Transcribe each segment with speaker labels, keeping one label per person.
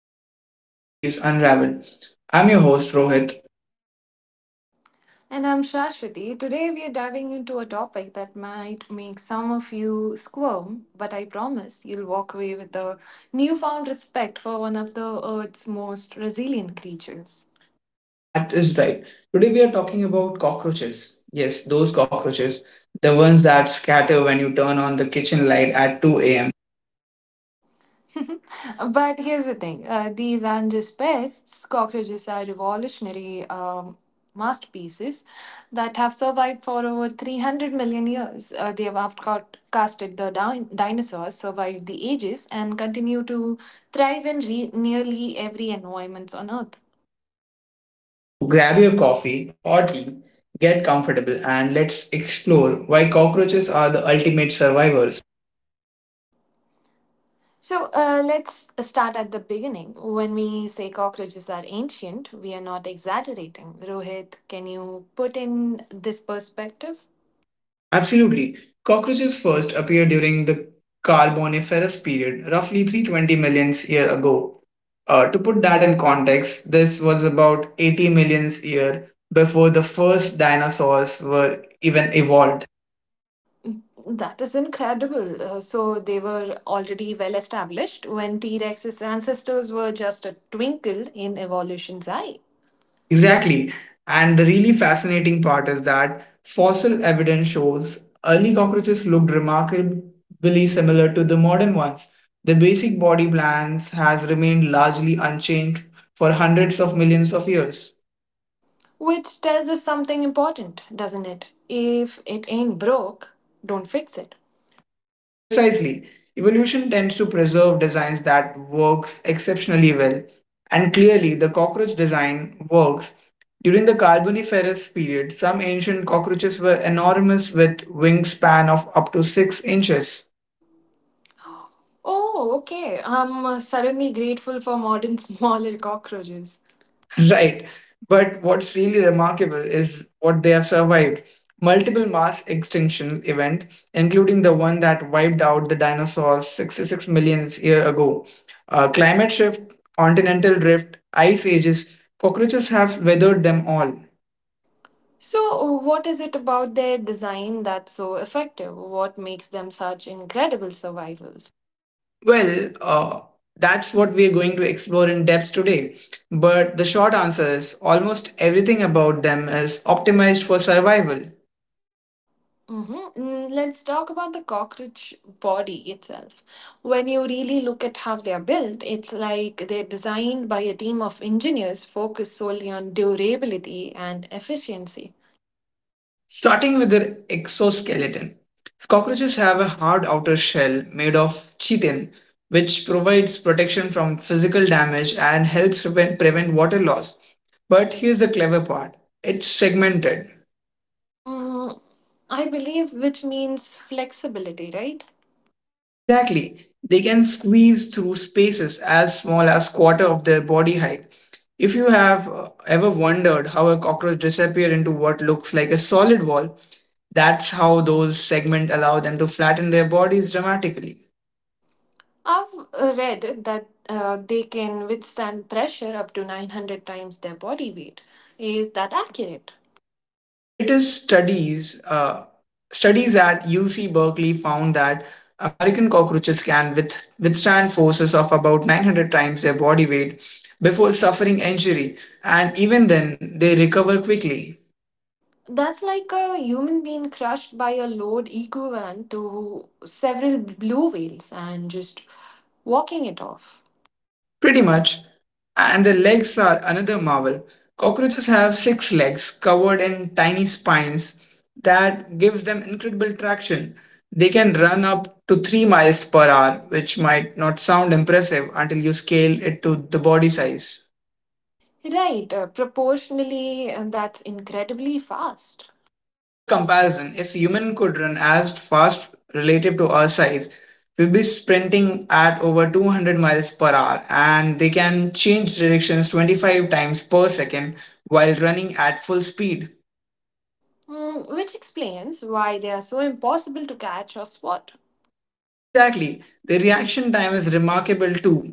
Speaker 1: Nature's Mysteries Unraveled. I'm your host, Rohit.
Speaker 2: And I'm Shashwati. Today we are diving into a topic that might make some of you squirm, but I promise you'll walk away with a newfound respect for one of the Earth's most resilient creatures.
Speaker 1: That is right. Today, we are talking about cockroaches. Yes, those cockroaches, the ones that scatter when you turn on the kitchen light at 2 a.m.
Speaker 2: But here's the thing, these aren't just pests. Cockroaches are revolutionary masterpieces that have survived for over 300 million years. They have outcasted the dinosaurs, survived the ages, and continue to thrive in nearly every environment on Earth.
Speaker 1: So, grab your coffee or tea, get comfortable, and let's explore why cockroaches are the ultimate survivors.
Speaker 2: So, let's start at the beginning. When we say cockroaches are ancient, we are not exaggerating. Rohit, can you put in this perspective?
Speaker 1: Absolutely. Cockroaches first appeared during the Carboniferous period, roughly 320 million years ago. To put that in context, this was about 80 million years before the first dinosaurs were even evolved.
Speaker 2: That is incredible. So they were already well established when T Rex's ancestors were just a twinkle in evolution's eye. Exactly.
Speaker 1: Exactly. And the really fascinating part is that fossil evidence shows early cockroaches looked remarkably similar to the modern ones. The basic body plans has remained largely unchanged for hundreds of millions of years.
Speaker 2: Which tells us something important, doesn't it? If it ain't broke, don't fix it.
Speaker 1: Precisely. Evolution tends to preserve designs that works exceptionally well. And clearly, the cockroach design works. During the Carboniferous period, some ancient cockroaches were enormous with wingspan of up to 6 inches.
Speaker 2: Oh, okay. I'm suddenly grateful for modern smaller cockroaches.
Speaker 1: Right. But what's really remarkable is what they have survived. Multiple mass extinction event, including the one that wiped out the dinosaurs 66 million years ago. Climate shift, continental drift, ice ages, cockroaches have weathered them all. So,
Speaker 2: So, what is it about their design that's so effective? What makes them such incredible survivors?
Speaker 1: well, uh, that's what we're going to explore in depth today. But the short answer is almost everything about them is optimized for survival.
Speaker 2: Mm-hmm. Let's talk about the cockroach body itself. When you really look at how they are built, it's like they're designed by a team of engineers focused solely on durability and efficiency.
Speaker 1: Starting with their exoskeleton. Cockroaches have a hard outer shell made of chitin, which provides protection from physical damage and helps prevent water loss. But here's the clever part, it's segmented.
Speaker 2: Mm, I believe, which means flexibility, right?
Speaker 1: Exactly. They can squeeze through spaces as small as quarter of their body height. If you have ever wondered how a cockroach disappeared into what looks like a solid wall, that's how those segments allow them to flatten their bodies dramatically.
Speaker 2: I've read that they can withstand pressure up to 900 times their body weight. Is that accurate?
Speaker 1: It is studies, studies at UC Berkeley found that American cockroaches can withstand forces of about 900 times their body weight before suffering injury, and even then they recover quickly.
Speaker 2: That's like a human being crushed by a load equivalent to several blue whales and just walking it off.
Speaker 1: Pretty much. And the legs are another marvel. Cockroaches have six legs covered in tiny spines that gives them incredible traction. They can run up to 3 miles per hour, which might not sound impressive until you scale it to the body size.
Speaker 2: Right, proportionally, that's incredibly fast.
Speaker 1: For comparison, if human could run as fast relative to our size, we'd be sprinting at over 200 miles per hour, and they can change directions 25 times per second while running at full speed.
Speaker 2: Which explains why they are so impossible to catch or spot.
Speaker 1: Exactly. Their reaction time is remarkable too.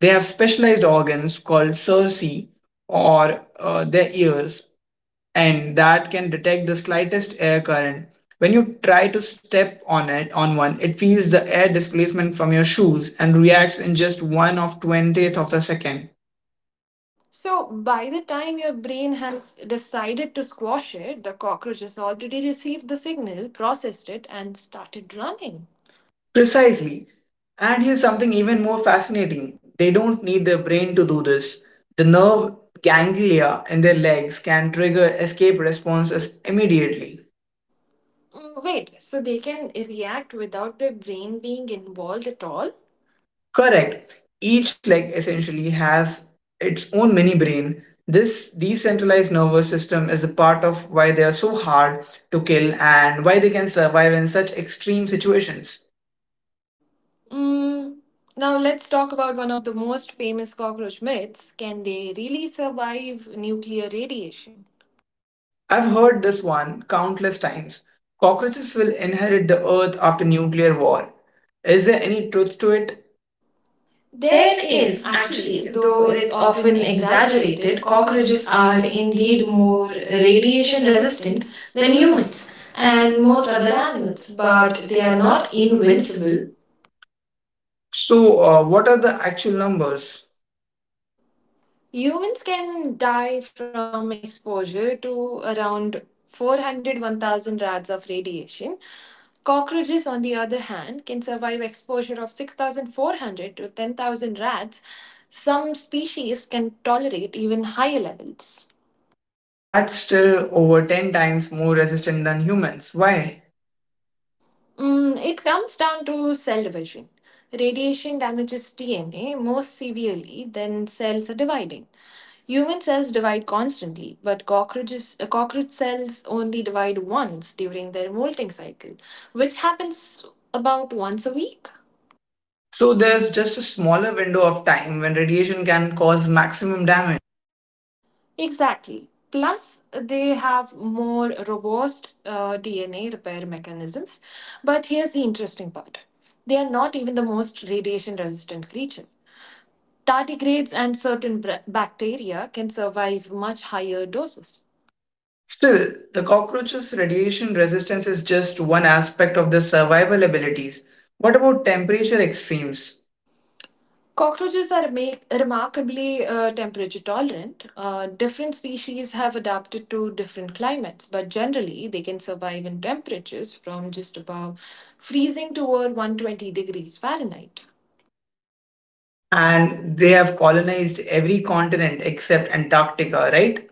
Speaker 1: They have specialized organs called cerci, or their ears, and that can detect the slightest air current. When you try to step on it on one, it feels the air displacement from your shoes and reacts in just one of 20th of the second.
Speaker 2: So, by the time your brain has decided to squash it, the cockroach has already received the signal, processed it, and started running.
Speaker 1: Precisely. And here's something even more fascinating. They don't need their brain to do this. The nerve ganglia in their legs can trigger escape responses immediately.
Speaker 2: Wait, so they can react without their brain being involved at all?
Speaker 1: Correct. Each leg essentially has its own mini brain. This decentralized nervous system is a part of why they are so hard to kill and why they can survive in such extreme situations.
Speaker 2: Mm, Now let's talk about one of the most famous cockroach myths. Can they really survive nuclear radiation?
Speaker 1: I've heard this one countless times. Cockroaches will inherit the earth after nuclear war. Is there any truth to it?
Speaker 2: There
Speaker 1: There
Speaker 2: is,
Speaker 1: is
Speaker 2: actually,
Speaker 1: actually,
Speaker 2: though
Speaker 1: though
Speaker 2: it's
Speaker 1: it's often
Speaker 2: often
Speaker 1: exaggerated,
Speaker 2: exaggerated, cockroaches
Speaker 1: cockroaches
Speaker 2: are
Speaker 1: are indeed
Speaker 2: indeed
Speaker 1: more
Speaker 2: more radiation
Speaker 1: radiation resistant
Speaker 2: resistant
Speaker 1: than
Speaker 2: than humans
Speaker 1: humans
Speaker 2: and
Speaker 1: and most
Speaker 2: most
Speaker 1: other
Speaker 2: other animals,
Speaker 1: animals, but
Speaker 2: but
Speaker 1: they
Speaker 2: they are
Speaker 1: are
Speaker 2: not
Speaker 1: not
Speaker 2: invincible.
Speaker 1: invincible. So, what are the actual numbers?
Speaker 2: Humans can die from exposure to around 400 1000 rads of radiation. Cockroaches, on the other hand, can survive exposure of 6,400 to 10,000 rads. Some species can tolerate even higher levels.
Speaker 1: That's still over 10 times more resistant than humans. Why?
Speaker 2: It comes down to cell division. Radiation damages DNA more severely than cells are dividing. Human cells divide constantly, but cockroach cells only divide once during their molting cycle, which happens about once a week.
Speaker 1: So, there's just a smaller window of time when radiation can cause maximum damage.
Speaker 2: Exactly. Plus, they have more robust DNA repair mechanisms. But here's the interesting part they are not even the most radiation resistant creature. Tardigrades and certain bacteria can survive much higher doses.
Speaker 1: Still, the cockroach's radiation resistance is just one aspect of their survival abilities. What about temperature extremes?
Speaker 2: Cockroaches are remarkably temperature tolerant. Different species have adapted to different climates, but generally they can survive in temperatures from just above freezing to over 120 degrees Fahrenheit.
Speaker 1: And they have colonized every continent except Antarctica, right?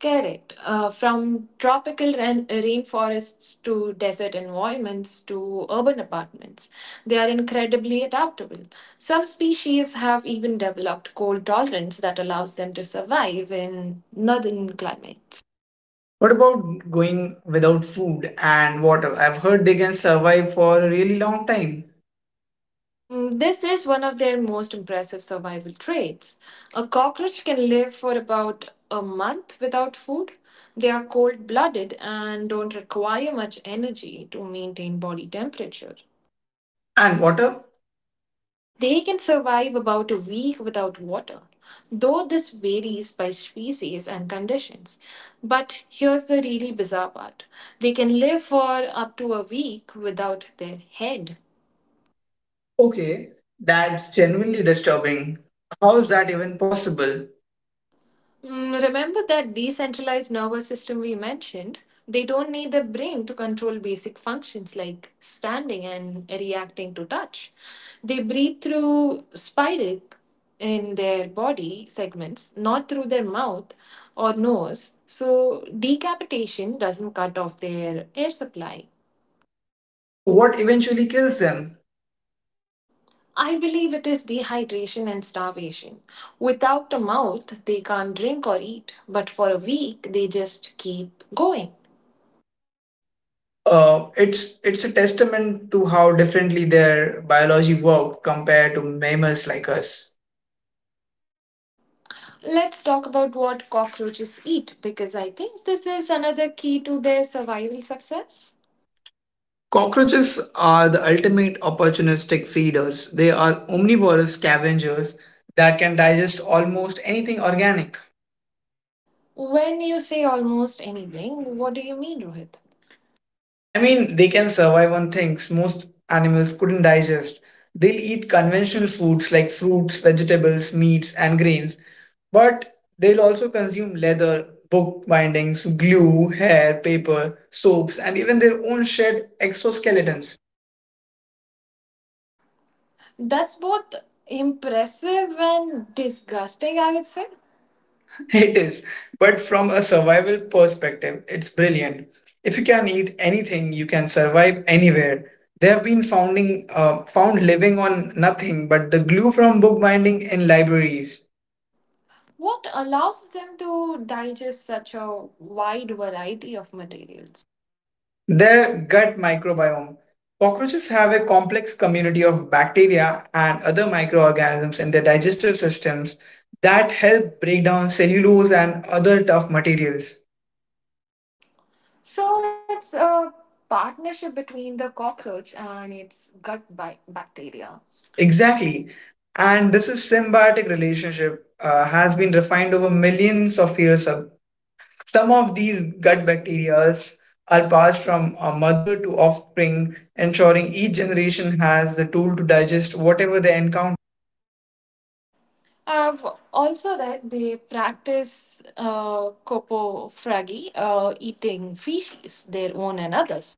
Speaker 2: Correct. From tropical rainforests to desert environments to urban apartments, they are incredibly adaptable. Some species have even developed cold tolerance that allows them to survive in northern climates.
Speaker 1: What about going without food and water? I've heard they can survive for a really long time.
Speaker 2: This is one of their most impressive survival traits. A cockroach can live for about a month without food. They are cold blooded and don't require much energy to maintain body temperature.
Speaker 1: And water?
Speaker 2: They can survive about a week without water, though this varies by species and conditions. But here's the really bizarre part they can live for up to a week without their head.
Speaker 1: Okay, that's genuinely disturbing. How is that even possible?
Speaker 2: Remember that decentralized nervous system we mentioned? They don't need the brain to control basic functions like standing and reacting to touch. They breathe through spiric in their body segments, not through their mouth or nose. So, decapitation doesn't cut off their air supply.
Speaker 1: So what eventually kills them?
Speaker 2: I believe it is dehydration and starvation. Without a mouth, they can't drink or eat, but for a week, they just keep going.
Speaker 1: It's a testament to how differently their biology worked compared to mammals like us.
Speaker 2: Let's talk about what cockroaches eat because I think this is another key to their survival success.
Speaker 1: Cockroaches are the ultimate opportunistic feeders. They are omnivorous scavengers that can digest almost anything organic.
Speaker 2: When you say almost anything, what do you mean, Rohit?
Speaker 1: I mean, they can survive on things most animals couldn't digest. They'll eat conventional foods like fruits, vegetables, meats, and grains, but they'll also consume leather, book bindings, glue, hair, paper, soaps, and even their own shed exoskeletons.
Speaker 2: That's both impressive and disgusting, I would say.
Speaker 1: It is. But from a survival perspective, it's brilliant. If you can eat anything, you can survive anywhere. They have been founding, found living on nothing but the glue from bookbinding in libraries.
Speaker 2: What allows them to digest such a wide variety of materials?
Speaker 1: Their gut microbiome. Cockroaches have a complex community of bacteria and other microorganisms in their digestive systems that help break down cellulose and other tough materials.
Speaker 2: So it's a partnership between the cockroach and its gut bacteria.
Speaker 1: Exactly. And this is symbiotic relationship, has been refined over millions of years. Of, some of these gut bacteria are passed from a mother to offspring, ensuring each generation has the tool to digest whatever they encounter.
Speaker 2: I've also read they practice coprophagy, eating feces, their own and others.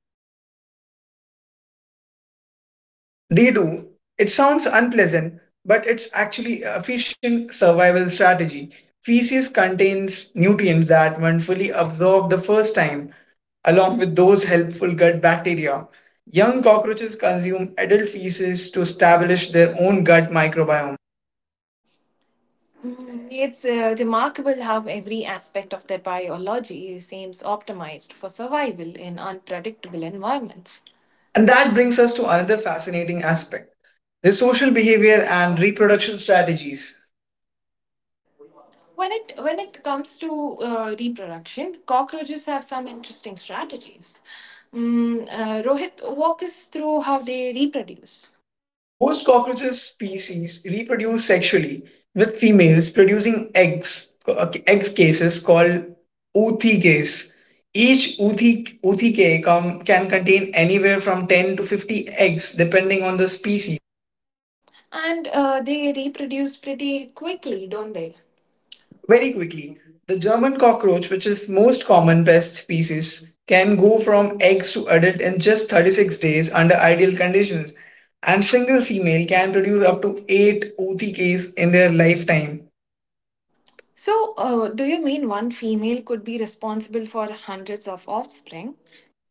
Speaker 1: They do. It sounds unpleasant, but it's actually a efficient survival strategy. Feces contains nutrients that, when fully absorbed the first time, along with those helpful gut bacteria. Young cockroaches consume adult feces to establish their own gut microbiome.
Speaker 2: It's remarkable how every aspect of their biology seems optimized for survival in unpredictable environments.
Speaker 1: And
Speaker 2: And that
Speaker 1: that brings us to another fascinating aspect, their social behavior and reproduction strategies.
Speaker 2: When it comes to reproduction, cockroaches have some interesting strategies. Rohit, walk us through how they reproduce.
Speaker 1: Most cockroaches species reproduce sexually, with females producing eggs, egg cases called oothicase. Each oothicase can contain anywhere from 10 to 50 eggs, depending on the species.
Speaker 2: And they reproduce pretty quickly, don't they? When-
Speaker 1: Very quickly, the German cockroach, which is most common pest species, can go from eggs to adult in just 36 days under ideal conditions, and single female can produce up to 8 OTKs in their lifetime
Speaker 2: so, do you mean one female could be responsible for hundreds of offspring?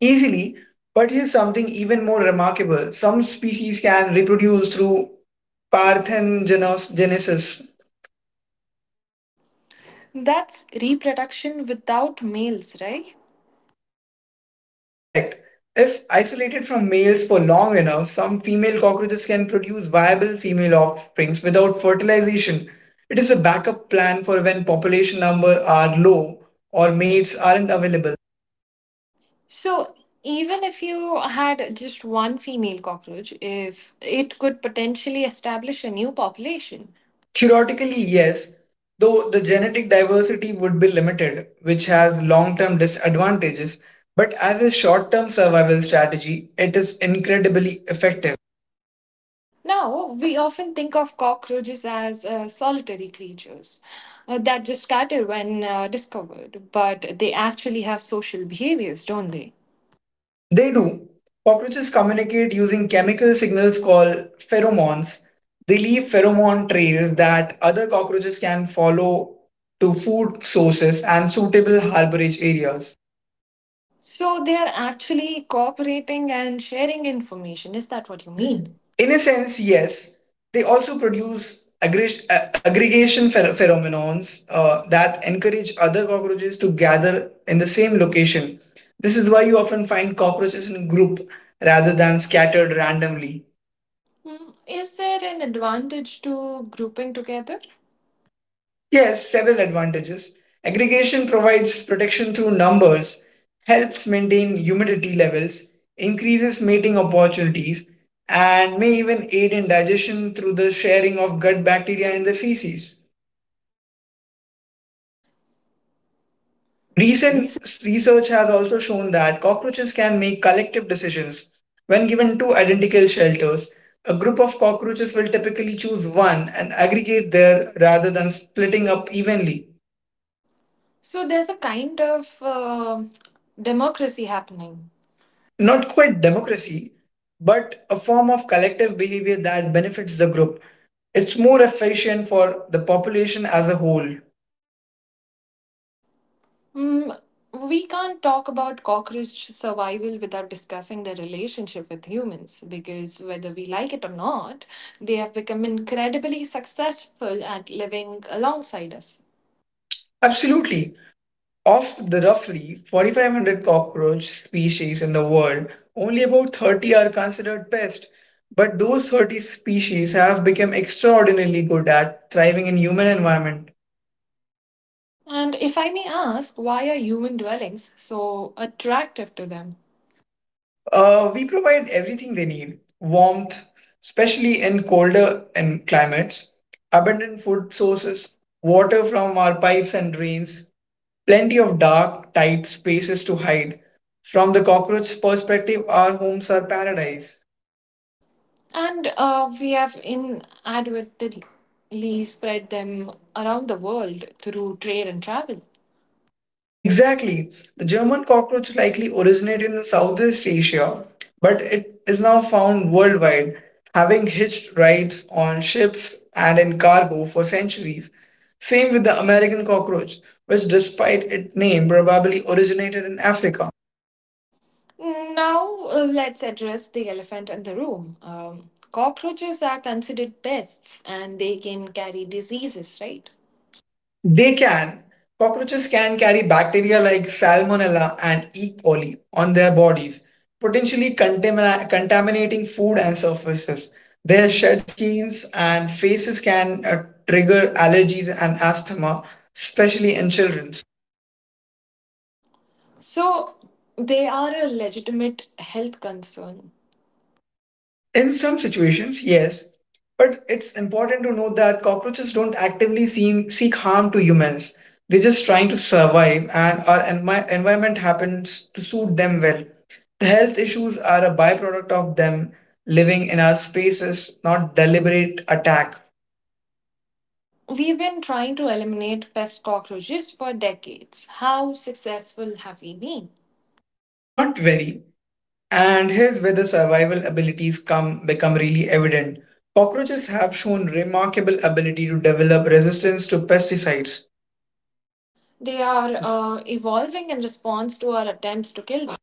Speaker 1: easily. But here's something even more remarkable. Some species can reproduce through parthenogenesis.
Speaker 2: That's reproduction without males, right?
Speaker 1: Correct. If isolated from males for long enough, some female cockroaches can produce viable female offsprings without fertilization. It is a backup plan for when population numbers are low or mates aren't available.
Speaker 2: So, even if you had just one female cockroach, if it could potentially establish a new population.
Speaker 1: Theoretically, yes, though the genetic diversity would be limited, which has long term disadvantages, but as a short term survival strategy, it is incredibly effective.
Speaker 2: Now, we often think of cockroaches as solitary creatures that just started when discovered, but they actually have social behaviors, don't they?
Speaker 1: They do. Cockroaches communicate using chemical signals called pheromones. They leave pheromone trails that other cockroaches can follow to food sources and suitable harborage areas.
Speaker 2: So they are actually cooperating and sharing information. Is
Speaker 1: Is
Speaker 2: that
Speaker 1: that
Speaker 2: what
Speaker 1: what
Speaker 2: you
Speaker 1: you
Speaker 2: mean?
Speaker 1: mean? In a sense, yes. They also produce aggregation phenomenons that encourage other cockroaches to gather in the same location. This is why you often find cockroaches in a group rather than scattered randomly.
Speaker 2: Hmm, is there an advantage to grouping together?
Speaker 1: Yes, several advantages. Aggregation provides protection through numbers, helps maintain humidity levels, increases mating opportunities, and may even aid in digestion through the sharing of gut bacteria in the feces.
Speaker 2: Re-
Speaker 1: Recent research has also shown that cockroaches can make collective decisions. When given two identical shelters, a group of cockroaches will typically choose one and aggregate there rather than splitting up evenly.
Speaker 2: So there's a kind of democracy happening.
Speaker 1: Not quite democracy, but a form of collective behavior that benefits the group. It's more efficient for the population as a whole.
Speaker 2: Hmm, we can't talk about cockroach survival without discussing their relationship with humans because whether we like it or not, they have become incredibly successful at living alongside us.
Speaker 1: Absolutely. Of the roughly 4,500 cockroach species in the world, only about 30 are considered pests. But those 30 species have become extraordinarily good at thriving in human environment.
Speaker 2: And if I may ask, why are human dwellings so attractive to them?
Speaker 1: We provide everything they need, warmth, especially in colder and climates, abundant food sources, water from our pipes and drains, plenty of dark, tight spaces to hide. From the cockroach's perspective, our homes are paradise.
Speaker 2: And we have inadvertently spread them around the world through trade and travel.
Speaker 1: Exactly. The German cockroach likely originated in Southeast Asia, but it is now found worldwide, having hitched rides on ships and in cargo for centuries. Same with the American cockroach, which, despite its name, probably originated in Africa.
Speaker 2: Now, let's address the elephant in the room. Cockroaches are considered pests and they can carry diseases, right?
Speaker 1: They can. Cockroaches can carry bacteria like Salmonella and E. coli on their bodies, potentially contaminating food and surfaces. Their shed skins and faces can trigger allergies and asthma, especially in children.
Speaker 2: So, they are a legitimate health concern.
Speaker 1: In some situations, yes, but it's important to note that cockroaches don't actively seek harm to humans. They're just trying to survive, and our environment happens to suit them well. Health issues are a byproduct of them living in our spaces, not deliberate attack.
Speaker 2: We've been trying to eliminate pest cockroaches for decades. How successful have we been?
Speaker 1: Not very. And here's where the survival abilities come become really evident. Cockroaches have shown remarkable ability to develop resistance to pesticides.
Speaker 2: They are evolving in response to our attempts to kill them.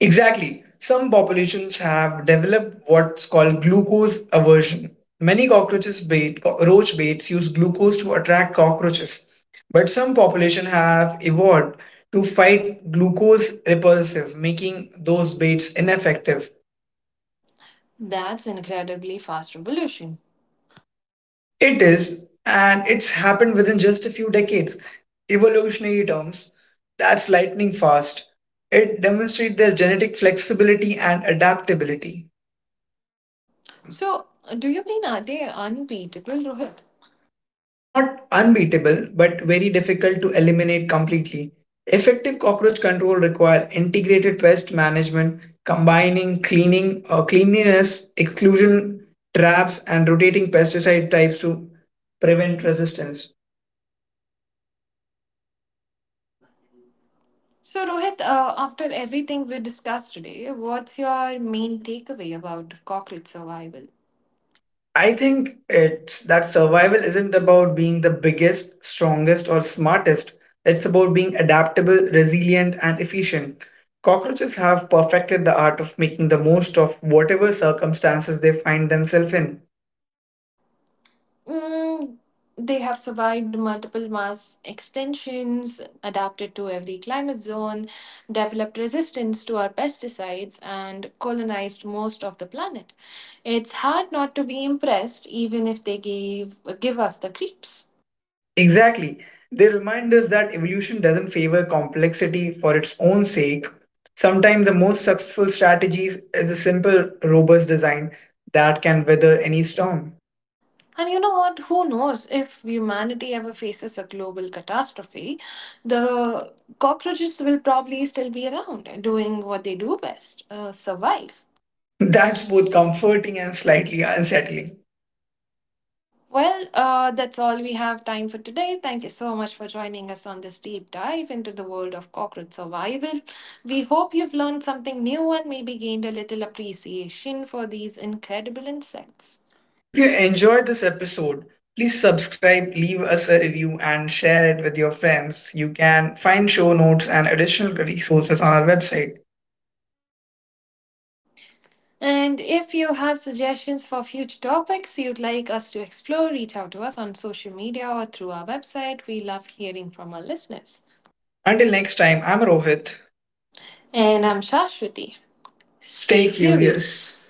Speaker 1: Exactly. Some populations have developed what's called glucose aversion. Many cockroaches bait, roach baits use glucose to attract cockroaches, but some population have evolved to fight glucose repulsive, making those baits ineffective.
Speaker 2: That's incredibly fast evolution.
Speaker 1: It is, and it's happened within just a few decades. Evolutionary terms, that's lightning fast. It demonstrates their genetic flexibility and adaptability.
Speaker 2: So, do you mean are they unbeatable, Rohit?
Speaker 1: Not unbeatable, but very difficult to eliminate completely. Effective cockroach control require integrated pest management, combining cleaning, cleanliness, exclusion traps, and rotating pesticide types to prevent resistance.
Speaker 2: So, Rohit, after everything we discussed today, what's your main takeaway about cockroach survival?
Speaker 1: I think it's that survival isn't about being the biggest, strongest, or smartest. It's about being adaptable, resilient, and efficient. Cockroaches have perfected the art of making the most of whatever circumstances they find themselves in.
Speaker 2: Mm, they have survived multiple mass extinctions, adapted to every climate zone, developed resistance to our pesticides, and colonized most of the planet. It's hard not to be impressed, even if they give us the creeps.
Speaker 1: Exactly. They remind us that evolution doesn't favor complexity for its own sake. Sometimes the most successful strategies is a simple, robust design that can weather any storm.
Speaker 2: And you know what? Who knows if humanity ever faces a global catastrophe, the cockroaches will probably still be around doing what they do best survive.
Speaker 1: That's both comforting and slightly unsettling.
Speaker 2: Well, that's all we have time for today. Thank you so much for joining us on this deep dive into the world of cockroach survival. We hope you've learned something new and maybe gained a little appreciation for these incredible insects.
Speaker 1: If you enjoyed this episode, please subscribe, leave us a review, and share it with your friends. You can find show notes and additional resources on our website.
Speaker 2: And if you have suggestions for future topics you'd like us to explore, reach out to us on social media or through our website. We love hearing from our listeners.
Speaker 1: Until next time, I'm Rohit.
Speaker 2: And
Speaker 1: And
Speaker 2: I'm Shashwati. Stay
Speaker 1: stay
Speaker 2: curious.
Speaker 1: curious.